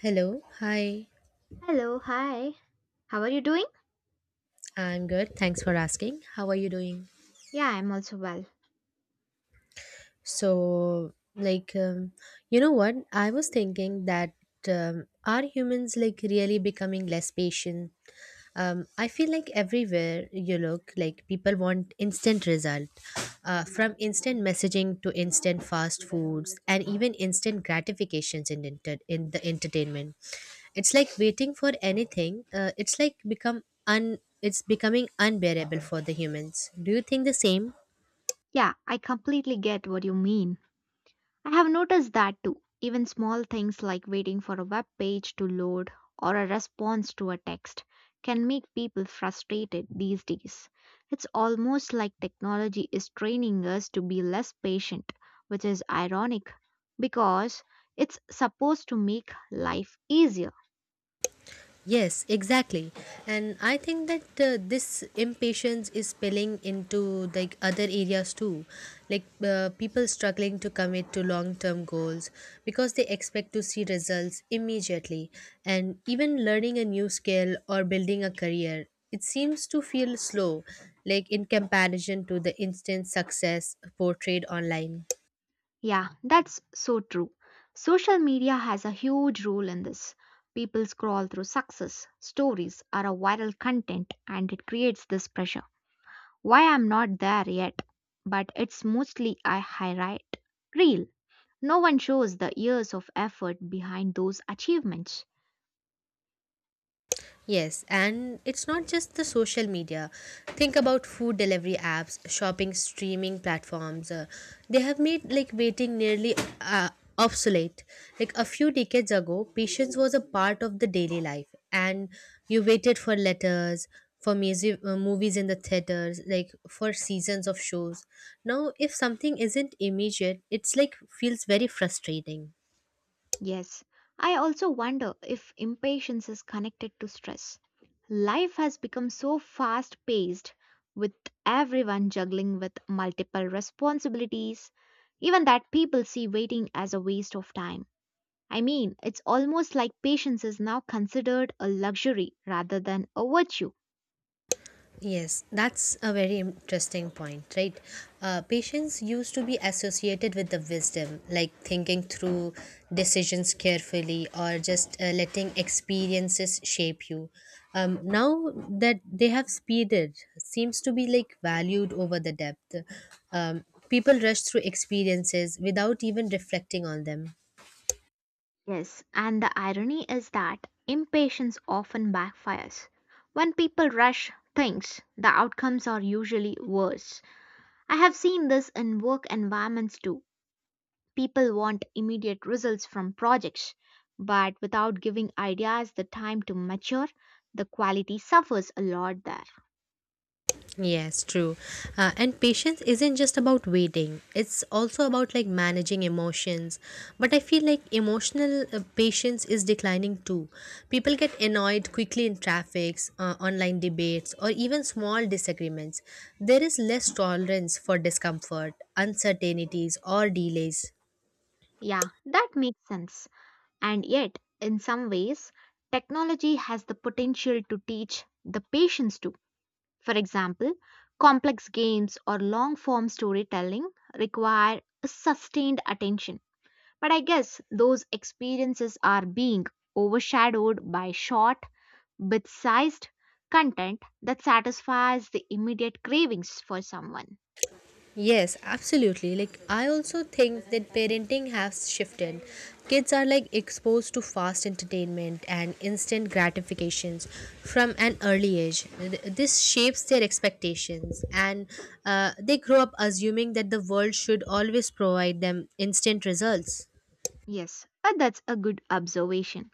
Hello. Hi. Hello, hi. How are you doing? I'm good. Thanks for asking. How are you doing? Yeah, I'm also well. So, like, um, you know what? I was thinking that, are humans like really becoming less patient? I feel like everywhere you look, like people want instant result, from instant messaging to instant fast foods and even instant gratifications in the entertainment. It's like waiting for anything, it's like become un it's becoming unbearable for the humans. Do you think the same? Yeah, I completely get what you mean. I have noticed that too. Even small things like waiting for a web page to load or a response to a text can make people frustrated these days. It's almost like technology is training us to be less patient, which is ironic because it's supposed to make life easier. Yes, exactly. And I think that this impatience is spilling into like other areas too. Like, people struggling to commit to long-term goals because they expect to see results immediately. And even learning a new skill or building a career, it seems to feel slow, like in comparison to the instant success portrayed online. Yeah, that's so true. Social media has a huge role in this. People scroll through success, stories, or a viral content, and it creates this pressure. Why I'm not there yet? But it's mostly a highlight reel. No one shows the years of effort behind those achievements. Yes, and it's not just the social media. Think about food delivery apps, shopping streaming platforms. They have made like waiting nearly uh, obsolete. Like a few decades ago, patience was a part of the daily life, and you waited for letters, for music, movies in the theaters, like for seasons of shows. Now, if something isn't immediate, it's like feels very frustrating. Yes, I also wonder if impatience is connected to stress. Life has become so fast paced with everyone juggling with multiple responsibilities, even that people see waiting as a waste of time. I mean, it's almost like patience is now considered a luxury rather than a virtue. Yes, that's a very interesting point, right? Patience used to be associated with the wisdom, like thinking through decisions carefully or just letting experiences shape you. Now that they have speeded, seems to be like valued over the depth. People rush through experiences without even reflecting on them. Yes, and the irony is that impatience often backfires. When people rush things, the outcomes are usually worse. I have seen this in work environments too. People want immediate results from projects, but without giving ideas the time to mature, the quality suffers a lot there. Yes, true. And patience isn't just about waiting, it's also about like managing emotions. But I feel like emotional patience is declining too. People get annoyed quickly in traffics, online debates, or even small disagreements. There is less tolerance for discomfort, uncertainties, or delays. Yeah, that makes sense. And yet, in some ways, technology has the potential to teach the patience too. For example, complex games or long form storytelling require sustained attention. But I guess those experiences are being overshadowed by short, bit sized content that satisfies the immediate cravings for someone. Yes, absolutely. Like I also think that parenting has shifted. Kids are like exposed to fast entertainment and instant gratifications from an early age. This shapes their expectations, and they grow up assuming that the world should always provide them instant results. Yes, that's a good observation.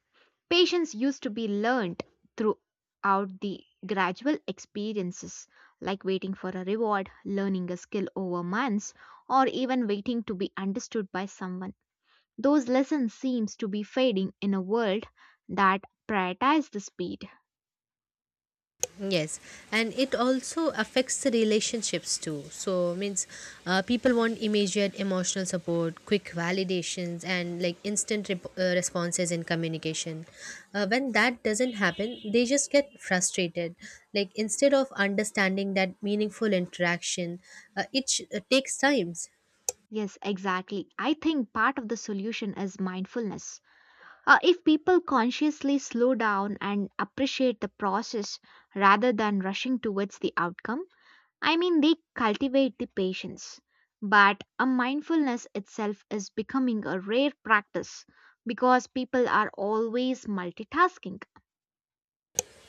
Patience used to be learned throughout the gradual experiences, like waiting for a reward, learning a skill over months, or even waiting to be understood by someone. Those lessons seems to be fading in a world that prioritizes the speed. Yes, and it also affects the relationships too. So means, people want immediate emotional support, quick validations, and like responses in communication. When that doesn't happen, they just get frustrated. Like instead of understanding that meaningful interaction, takes times. Yes, exactly. I think part of the solution is mindfulness. If people consciously slow down and appreciate the process rather than rushing towards the outcome, I mean, they cultivate the patience. But a mindfulness itself is becoming a rare practice because people are always multitasking.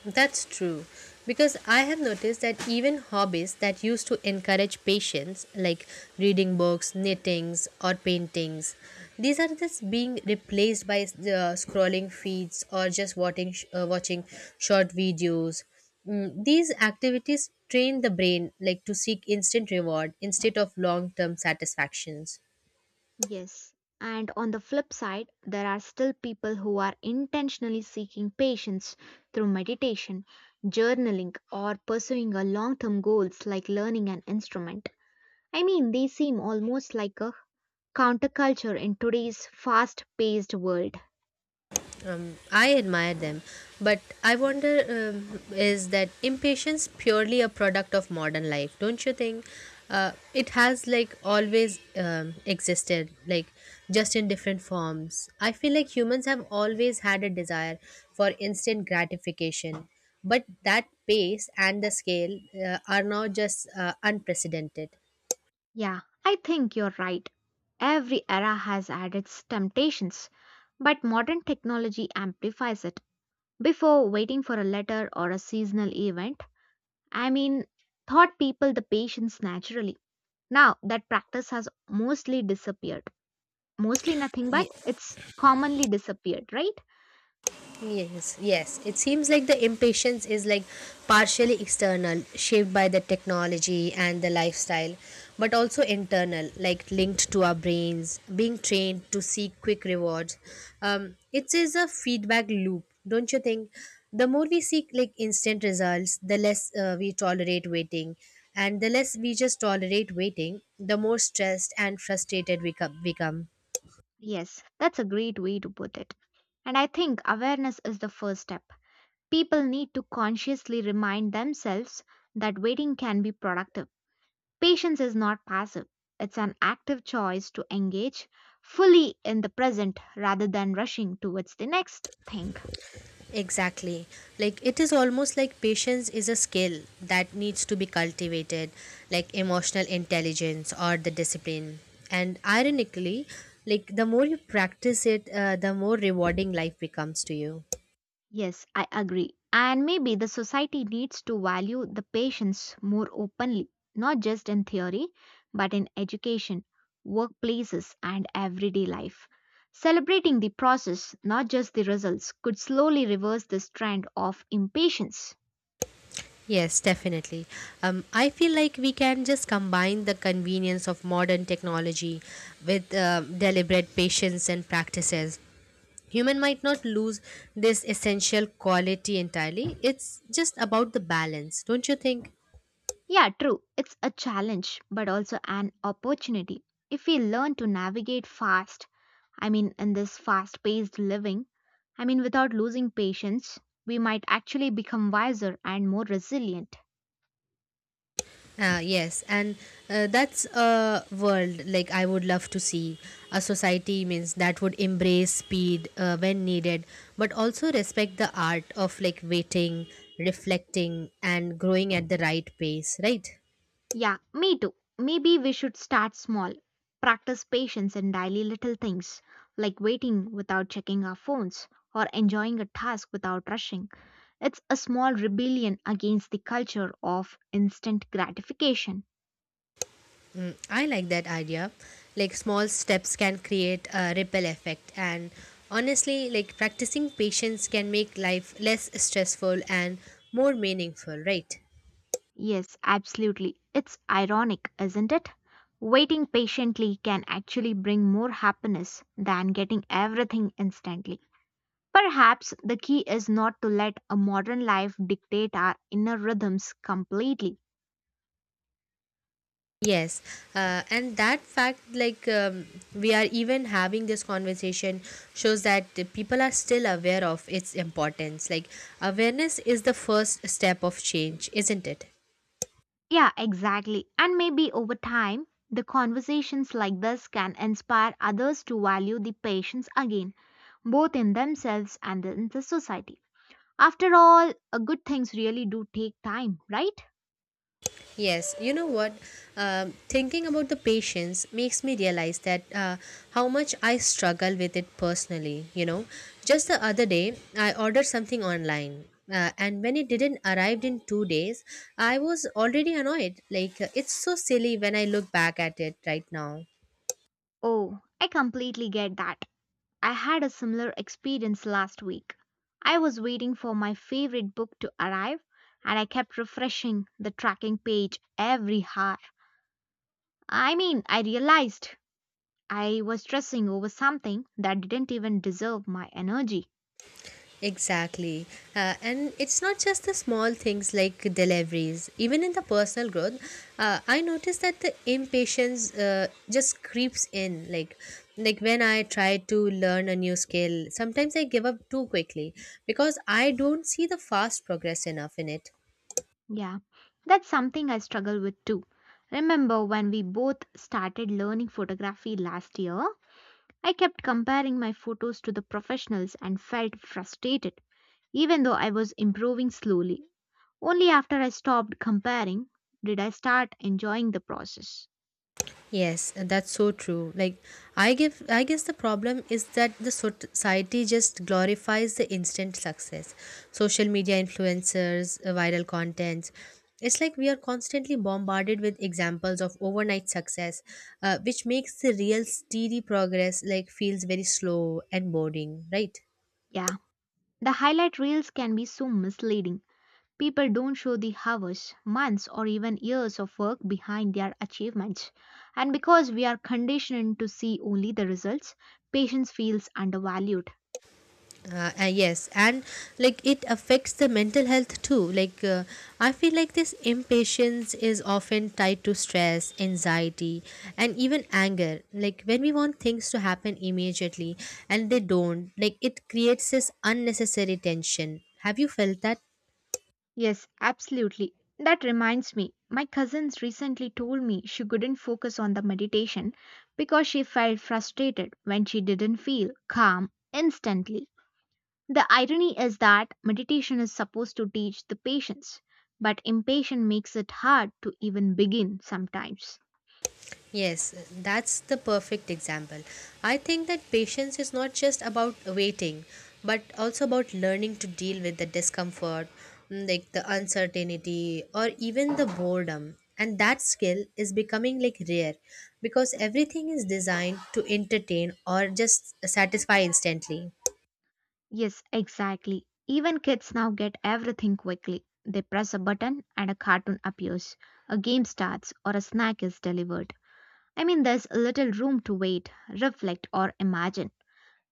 That's true. Because I have noticed that even hobbies that used to encourage patience, like reading books, knittings, or paintings, these are just being replaced by the scrolling feeds or just watching short videos. Mm, these activities train the brain like to seek instant reward instead of long-term satisfactions. Yes. And on the flip side, there are still people who are intentionally seeking patience through meditation, journaling, or pursuing a long term goals like learning an instrument. I mean, they seem almost like a counterculture in today's fast paced world. I admire them, but I wonder, is that impatience purely a product of modern life? Don't you think? It has like always existed, like just in different forms. I feel like humans have always had a desire for instant gratification, but that pace and the scale are now just unprecedented. Yeah, I think you're right. Every era has had its temptations, but modern technology amplifies it. Before waiting for a letter or a seasonal event, I mean, taught people the patience naturally. Now that practice has mostly disappeared. Mostly nothing, but it's commonly disappeared, right? Yes, yes. It seems like the impatience is like partially external, shaped by the technology and the lifestyle, but also internal, like linked to our brains, being trained to seek quick rewards. It is a feedback loop, don't you think? The more we seek like instant results, the less we tolerate waiting, and the less we just tolerate waiting, the more stressed and frustrated become. Yes, that's a great way to put it. And I think awareness is the first step. People need to consciously remind themselves that waiting can be productive. Patience is not passive, it's an active choice to engage fully in the present rather than rushing towards the next thing. Exactly. Like it is almost like patience is a skill that needs to be cultivated, like emotional intelligence or the discipline. And ironically, like the more you practice it, the more rewarding life becomes to you. Yes, I agree. And maybe the society needs to value the patients more openly, not just in theory, but in education, workplaces, and everyday life. Celebrating the process, not just the results, could slowly reverse this trend of impatience. Yes, definitely. I feel like we can just combine the convenience of modern technology with deliberate patience and practices. Human might not lose this essential quality entirely. It's just about the balance, don't you think? Yeah, true. It's a challenge, but also an opportunity. If we learn to navigate fast, I mean, in this fast paced living, I mean, without losing patience, we might actually become wiser and more resilient. Ah, yes, and that's a world like I would love to see. A society means that would embrace speed when needed, but also respect the art of like waiting, reflecting, and growing at the right pace, right? Yeah, me too. Maybe we should start small. Practice patience in daily little things, like waiting without checking our phones or enjoying a task without rushing. It's a small rebellion against the culture of instant gratification. Mm, I like that idea. Like small steps can create a ripple effect, and honestly, like practicing patience can make life less stressful and more meaningful, right? Yes, absolutely. It's ironic, isn't it? Waiting patiently can actually bring more happiness than getting everything instantly. Perhaps the key is not to let a modern life dictate our inner rhythms completely. Yes, and that fact, like, we are even having this conversation, shows that the people are still aware of its importance. Like, awareness is the first step of change, isn't it? Yeah, exactly. And maybe over time, the conversations like this can inspire others to value the patience again, both in themselves and in the society. After all, good things really do take time, right? Yes, you know what? Thinking about the patience makes me realize that, how much I struggle with it personally. You know, just the other day I ordered something online, and when it didn't arrive in two days, I was already annoyed. Like, it's so silly when I look back at it right now. Oh, I completely get that. I had a similar experience last week. I was waiting for my favorite book to arrive and I kept refreshing the tracking page every hour. I mean, I realized I was stressing over something that didn't even deserve my energy. Exactly. And it's not just the small things like deliveries. Even in the personal growth, I noticed that the impatience just creeps in. Like when I try to learn a new skill, sometimes I give up too quickly because I don't see the fast progress enough in it. Yeah, that's something I struggle with too. Remember when we both started learning photography last year? I kept comparing my photos to the professionals and felt frustrated, even though I was improving slowly. Only after I stopped comparing did I start enjoying the process. Yes, and that's so true. Like I guess the problem is that the society just glorifies the instant success. Social media influencers, viral contents. It's like we are constantly bombarded with examples of overnight success, which makes the real steady progress like feels very slow and boring, right? Yeah, the highlight reels can be so misleading. People don't show the hours, months, or even years of work behind their achievements. And because we are conditioned to see only the results, patience feels undervalued. Yes, and like it affects the mental health too, like, I feel like this impatience is often tied to stress, anxiety, and even anger. Like when we want things to happen immediately and they don't, like it creates this unnecessary tension. Have you felt that? Yes, absolutely. That reminds me, my cousins recently told me she couldn't focus on the meditation because she felt frustrated when she didn't feel calm instantly. The irony is that meditation is supposed to teach the patience, but impatience makes it hard to even begin sometimes. Yes, that's the perfect example. I think that patience is not just about waiting, but also about learning to deal with the discomfort, mm, like the uncertainty, or even the boredom. And that skill is becoming like rare because everything is designed to entertain or just satisfy instantly. Yes, exactly. Even kids now get everything quickly. They press a button and a cartoon appears, a game starts, or a snack is delivered. I mean, there's little room to wait, reflect, or imagine.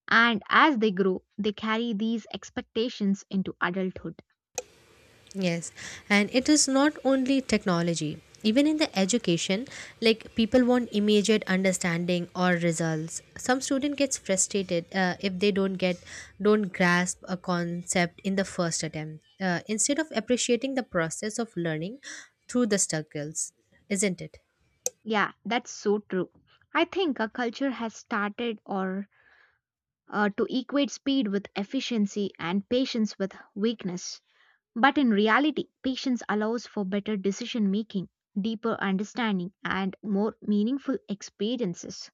And as they grow, they carry these expectations into adulthood. Yes, and it is not only technology. Even in the education, like people want immediate understanding or results. Some student gets frustrated, if they don't grasp a concept in the first attempt. Instead of appreciating the process of learning through the struggles, isn't it? Yeah, that's so true. I think our culture has started or to equate speed with efficiency and patience with weakness. But in reality, patience allows for better decision making, deeper understanding, and more meaningful experiences.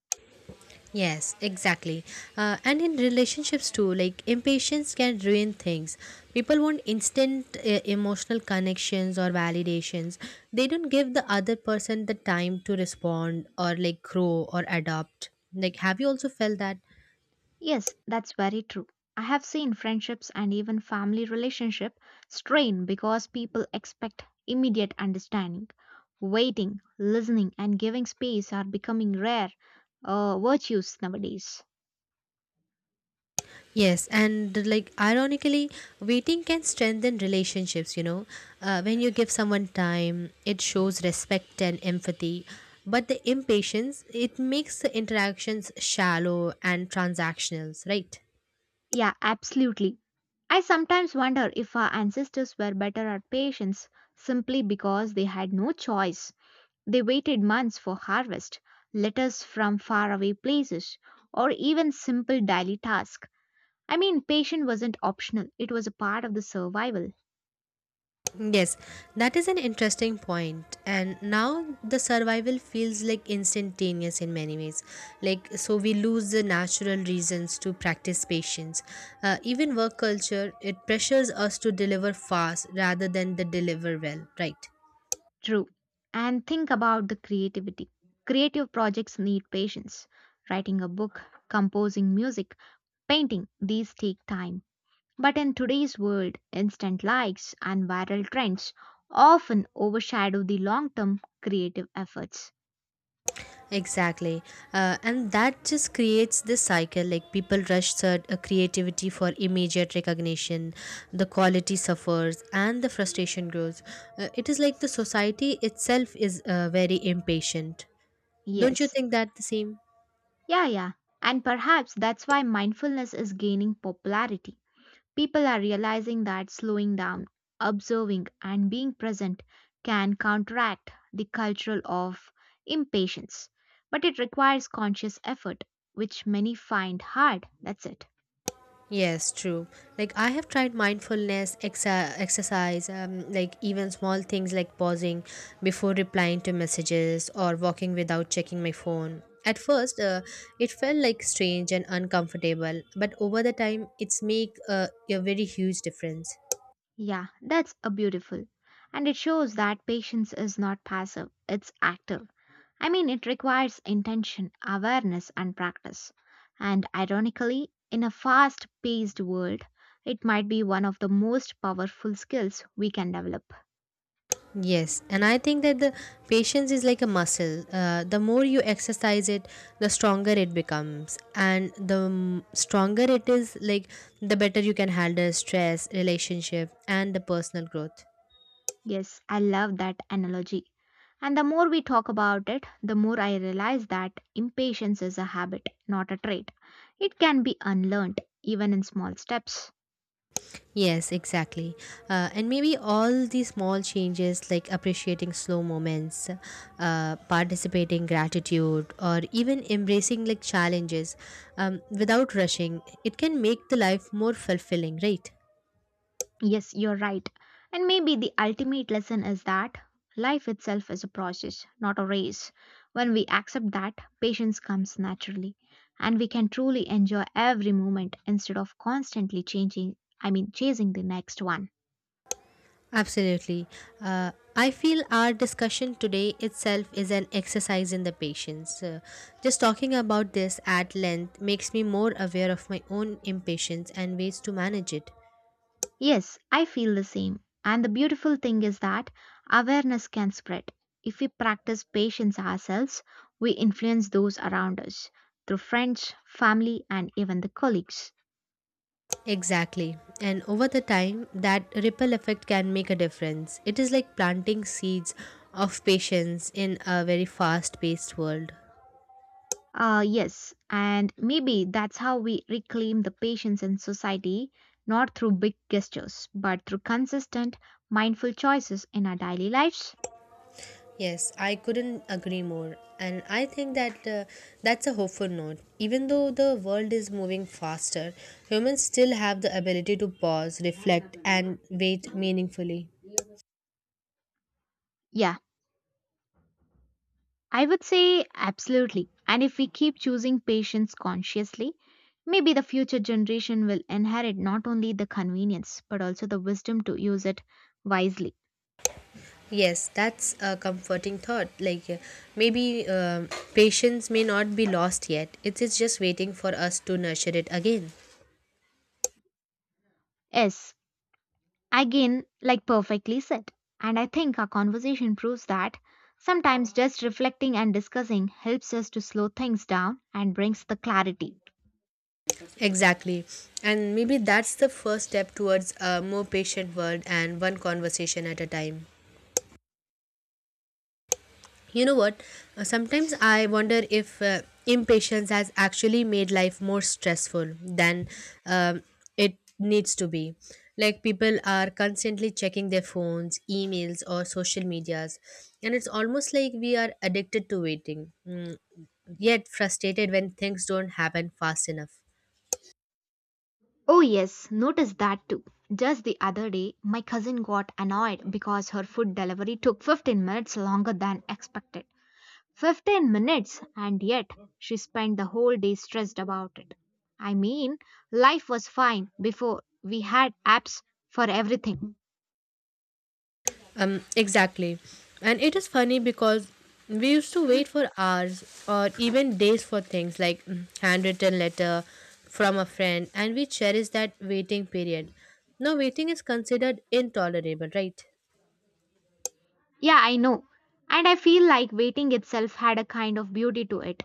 Yes, exactly. And in relationships too, like impatience can ruin things. People want instant emotional connections or validations. They don't give the other person the time to respond or like grow or adapt. Like, have you also felt that? Yes, that's very true. I have seen friendships and even family relationship strain because people expect immediate understanding. Waiting, listening, and giving space are becoming rare virtues nowadays. Yes, and like ironically, waiting can strengthen relationships, you know. When you give someone time, it shows respect and empathy. But the impatience, it makes the interactions shallow and transactional, right? Yeah, absolutely. I sometimes wonder if our ancestors were better at patience simply because they had no choice. They waited months for harvest, letters from faraway places, or even simple daily tasks. I mean, patience wasn't optional, it was a part of the survival. Yes, that is an interesting point. And now the survival feels like instantaneous in many ways. Like, so we lose the natural reasons to practice patience. Even work culture, it pressures us to deliver fast rather than the deliver well, right? True. And think about the creativity. Creative projects need patience. Writing a book, composing music, painting, these take time. But in today's world, instant likes and viral trends often overshadow the long term creative efforts. Exactly. And that just creates this cycle like people creativity for immediate recognition, the quality suffers, and the frustration grows. It is like the society itself is very impatient. Don't you Yes. think that the same? Yeah, yeah. And perhaps that's why mindfulness is gaining popularity. People are realizing that slowing down, observing, and being present can counteract the cultural of impatience. But it requires conscious effort, which many find hard. That's it. Yes, true. Like I have tried exercise, like even small things like pausing before replying to messages or walking without checking my phone. At first, it felt like strange and uncomfortable, but over the time, it's make a very huge difference. Yeah, that's a beautiful. And it shows that patience is not passive, it's active. I mean, it requires intention, awareness, and practice. And ironically, in a fast paced world, it might be one of the most powerful skills we can develop. Yes, and I think that the patience is like a muscle. The more you exercise it, the stronger it becomes, and stronger it is, like the better you can handle stress, relationship, and the personal growth. Yes, I love that analogy. And the more we talk about it, the more I realize that impatience is a habit, not a trait. It can be unlearned, even in small steps. Yes, exactly. And maybe all these small changes, like appreciating slow moments, participating gratitude, or even embracing like challenges, without rushing, it can make the life more fulfilling, right? Yes, you're right. And maybe the ultimate lesson is that life itself is a process, not a race. When we accept that, patience comes naturally, and we can truly enjoy every moment instead of constantly changing, I mean, chasing the next one. Absolutely. I feel our discussion today itself is an exercise in the patience. Just talking about this at length makes me more aware of my own impatience and ways to manage it. Yes, I feel the same. And the beautiful thing is that awareness can spread. If we practice patience ourselves, we influence those around us through friends, family, and even the colleagues. Exactly. And over the time, that ripple effect can make a difference. It is like planting seeds of patience in a very fast paced world. Yes, and maybe that's how we reclaim the patience in society, not through big gestures, but through consistent, mindful choices in our daily lives. Yes, I couldn't agree more. And I think that, that's a hopeful note. Even though the world is moving faster, humans still have the ability to pause, reflect, and wait meaningfully. Yeah, I would say absolutely. And if we keep choosing patience consciously, maybe the future generation will inherit not only the convenience but also the wisdom to use it wisely. Yes, that's a comforting thought. Like, maybe patience may not be lost yet. It is just waiting for us to nurture it again. Yes, again, like perfectly said. And I think our conversation proves that sometimes just reflecting and discussing helps us to slow things down and brings the clarity. Exactly. And maybe that's the first step towards a more patient world and one conversation at a time. You know what? Sometimes I wonder if, impatience has actually made life more stressful than, um, it needs to be. Like people are constantly checking their phones, emails, or social medias, and it's almost like we are addicted to waiting, yet frustrated when things don't happen fast enough. Oh, yes, notice that too. Just the other day, my cousin got annoyed because her food delivery took 15 minutes longer than expected. 15 minutes, and yet she spent the whole day stressed about it. I mean, life was fine before we had apps for everything. Exactly. And it is funny because we used to wait for hours or even days for things like handwritten letter from a friend and we cherish that waiting period. Now waiting is considered intolerable, right? Yeah, I know. And I feel like waiting itself had a kind of beauty to it.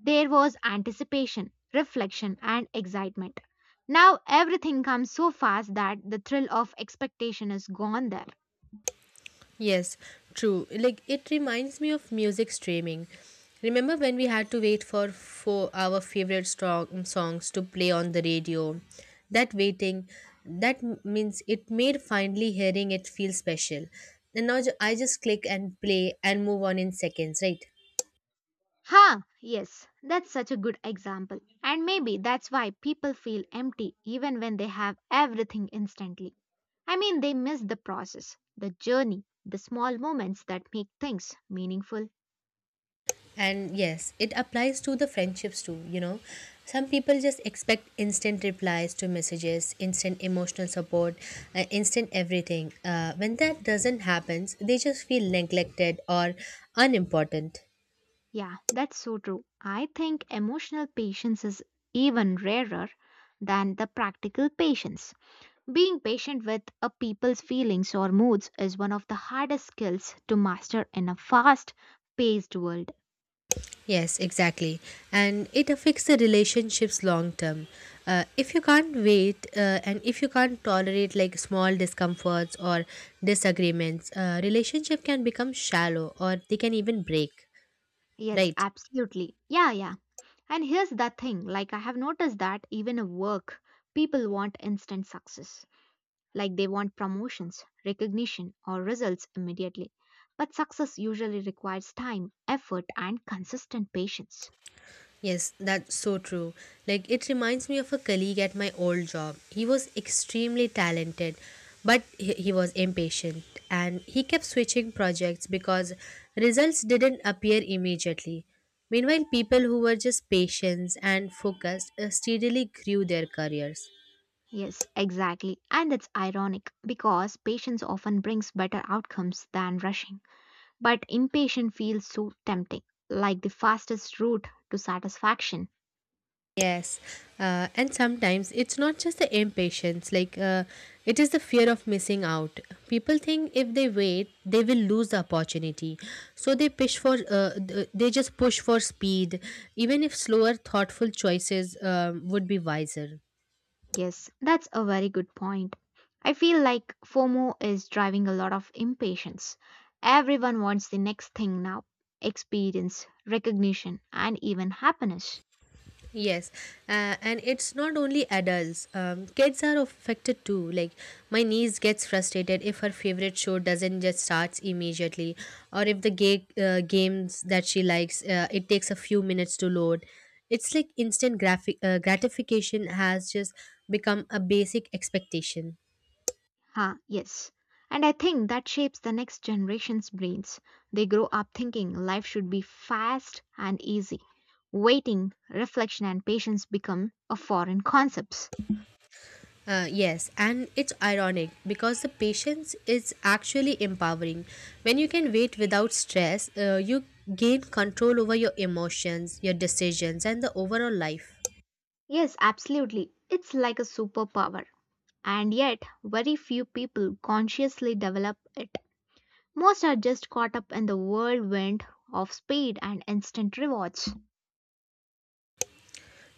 There was anticipation, reflection, and excitement. Now everything comes so fast that the thrill of expectation is gone there. Yes, true. Like it reminds me of music streaming. Remember when we had to wait for our favorite strong songs to play on the radio? That waiting, that m- means it made finally hearing it feel special. And now I just click and play and move on in seconds, right? Huh, yes, that's such a good example. And maybe that's why people feel empty even when they have everything instantly. I mean, they miss the process, the journey, the small moments that make things meaningful. And yes, it applies to the friendships too, Some people just expect instant replies to messages, instant emotional support, instant everything. When that doesn't happen, they just feel neglected or unimportant. Yeah, that's so true. I think emotional patience is even rarer than the practical patience. Being patient with a people's feelings or moods is one of the hardest skills to master in a fast paced world. Yes, exactly. And it affects the relationships long term. If you can't wait and if you can't tolerate like small discomforts or disagreements, relationship can become shallow or they can even break, Yes, right? absolutely. Yeah, yeah. And here's the thing like, I have noticed that even at work, people want instant success. Like, they want promotions, recognition, or results immediately. But success usually requires time, effort, and consistent patience. Yes, that's so true. Like, it reminds me of a colleague at my old job. He was extremely talented, but he was impatient and he kept switching projects because results didn't appear immediately. Meanwhile, people who were just patient and focused steadily grew their careers. Yes, exactly. And it's ironic because patience often brings better outcomes than rushing. But impatient feels so tempting, like the fastest route to satisfaction. Yes, and sometimes it's not just the impatience, it is the fear of missing out. People think if they wait, they will lose the opportunity. So they they just push for speed, even if slower, thoughtful choices would be wiser. Yes, that's a very good point. I feel like FOMO is driving a lot of impatience. Everyone wants the next thing now experience, recognition, and even happiness. Yes, and it's not only adults. Kids are affected too. Like my niece gets frustrated if her favorite show doesn't just starts immediately, or if the games that she likes it takes a few minutes to load. It's like instant graphic gratification has just become a basic expectation. Huh, yes. And I think that shapes the next generation's brains. They grow up thinking life should be fast and easy. Waiting, reflection, and patience become a foreign concepts. Yes, and it's ironic because the patience is actually empowering. When you can wait without stress, you gain control over your emotions, your decisions, and the overall life. Yes, absolutely. It's like a superpower. And yet, very few people consciously develop it. Most are just caught up in the whirlwind of speed and instant rewards.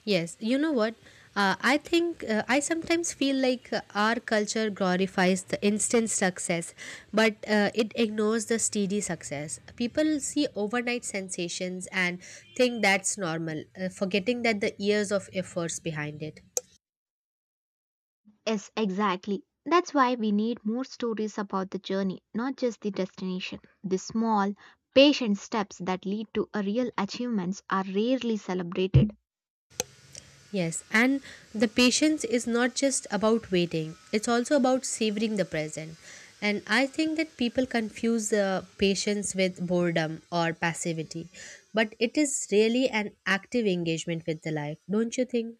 Yes, you know what? I think I sometimes feel like our culture glorifies the instant success, but it ignores the steady success. People see overnight sensations and think that's normal, forgetting that the years of efforts behind it. Yes, exactly. That's why we need more stories about the journey, not just the destination. The small, patient steps that lead to a real achievements are rarely celebrated. Yes, and the patience is not just about waiting, it's also about savoring the present. And I think that people confuse patience with boredom or passivity, but it is really an active engagement with the life, don't you think?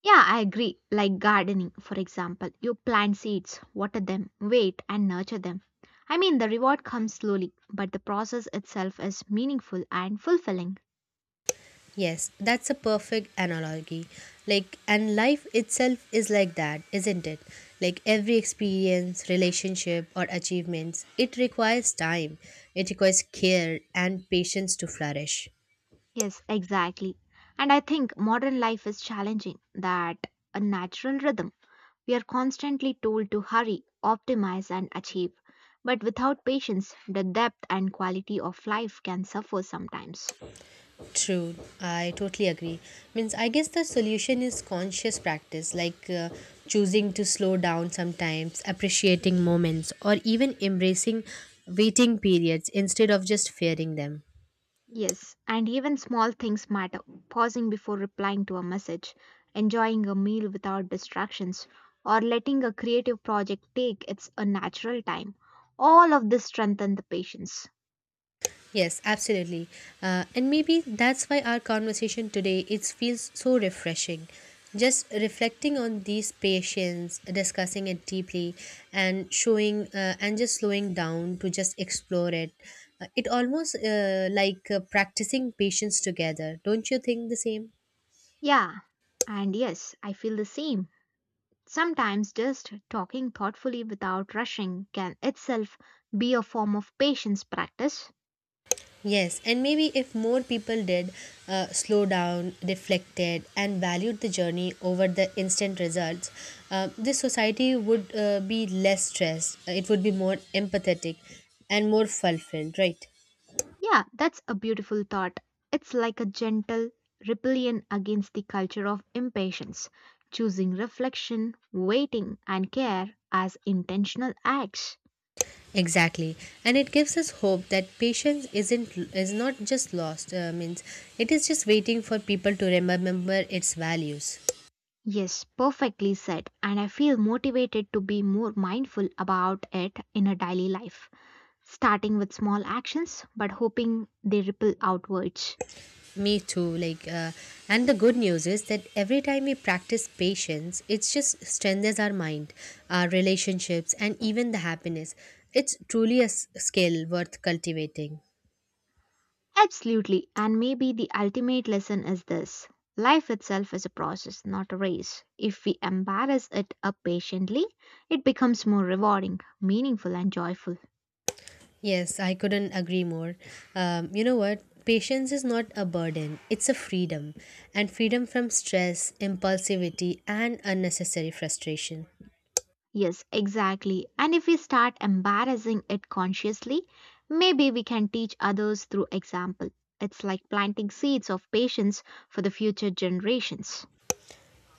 Yeah, I agree. Like gardening, for example, you plant seeds, water them, wait, and nurture them. I mean, the reward comes slowly, but the process itself is meaningful and fulfilling. Yes, that's a perfect analogy. Like, and life itself is like that, isn't it? Like, every experience, relationship, or achievements, it requires time, it requires care and patience to flourish. Yes, exactly. And I think modern life is challenging that a natural rhythm. We are constantly told to hurry, optimize, and achieve. But without patience, the depth and quality of life can suffer sometimes. True, I totally agree. Means, I guess the solution is conscious practice, like choosing to slow down sometimes, appreciating moments, or even embracing waiting periods instead of just fearing them. Yes, and even small things matter. Pausing before replying to a message, enjoying a meal without distractions, or letting a creative project take its a natural time. All of this strengthen the patience. Yes, absolutely. And maybe that's why our conversation today it feels so refreshing. Just reflecting on these patients, discussing it deeply, and showing and just slowing down to just explore it. It almost like practicing patience together. Don't you think the same? Yeah, and yes, I feel the same. Sometimes just talking thoughtfully without rushing can itself be a form of patience practice. Yes, and maybe if more people did slow down, reflected, and valued the journey over the instant results, this society would be less stressed. It would be more empathetic and more fulfilled, right? Yeah, that's a beautiful thought. It's like a gentle rebellion against the culture of impatience, choosing reflection, waiting, and care as intentional acts. Exactly, and it gives us hope that patience isn't is not just lost. Means it is just waiting for people to remember its values. Yes, perfectly said, and I feel motivated to be more mindful about it in a daily life, starting with small actions but hoping they ripple outwards. Me too. And the good news is that every time we practice patience, it just strengthens our mind, our relationships, and even the happiness. It's truly a skill worth cultivating. Absolutely. And maybe the ultimate lesson is this: life itself is a process, not a race. If we embrace it up patiently, it becomes more rewarding, meaningful, and joyful. Yes, I couldn't agree more. You know what? Patience is not a burden, it's a freedom, and freedom from stress, impulsivity, and unnecessary frustration. Yes, exactly. And if we start embarrassing it consciously, maybe we can teach others through example. It's like planting seeds of patience for the future generations.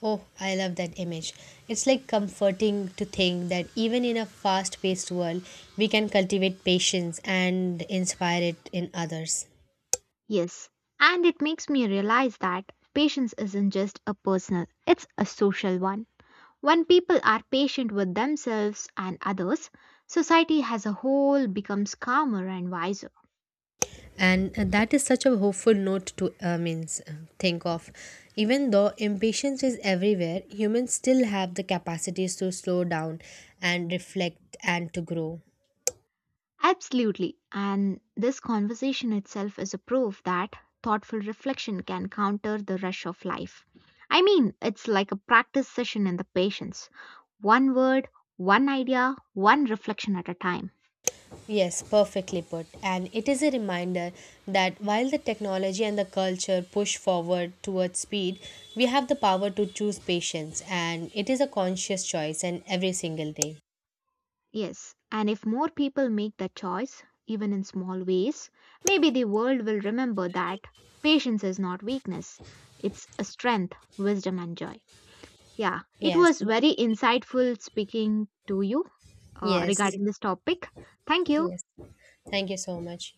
Oh, I love that image. It's like comforting to think that even in a fast paced world, we can cultivate patience and inspire it in others. Yes, and it makes me realize that patience isn't just a personal, it's a social one. When people are patient with themselves and others, society as a whole becomes calmer and wiser. And that is such a hopeful note to means think of. Even though impatience is everywhere, humans still have the capacities to slow down and reflect and to grow. Absolutely. And this conversation itself is a proof that thoughtful reflection can counter the rush of life. I mean, it's like a practice session in the patience. One word, one idea, one reflection at a time. Yes, perfectly put. And it is a reminder that while the technology and the culture push forward towards speed, we have the power to choose patience, and it is a conscious choice and every single day. Yes, and if more people make that choice, even in small ways, maybe the world will remember that patience is not weakness, it's a strength, wisdom, and joy. Yeah, it was Yes, very insightful speaking to you yes, regarding this topic. Thank you. yes. Thank you so much.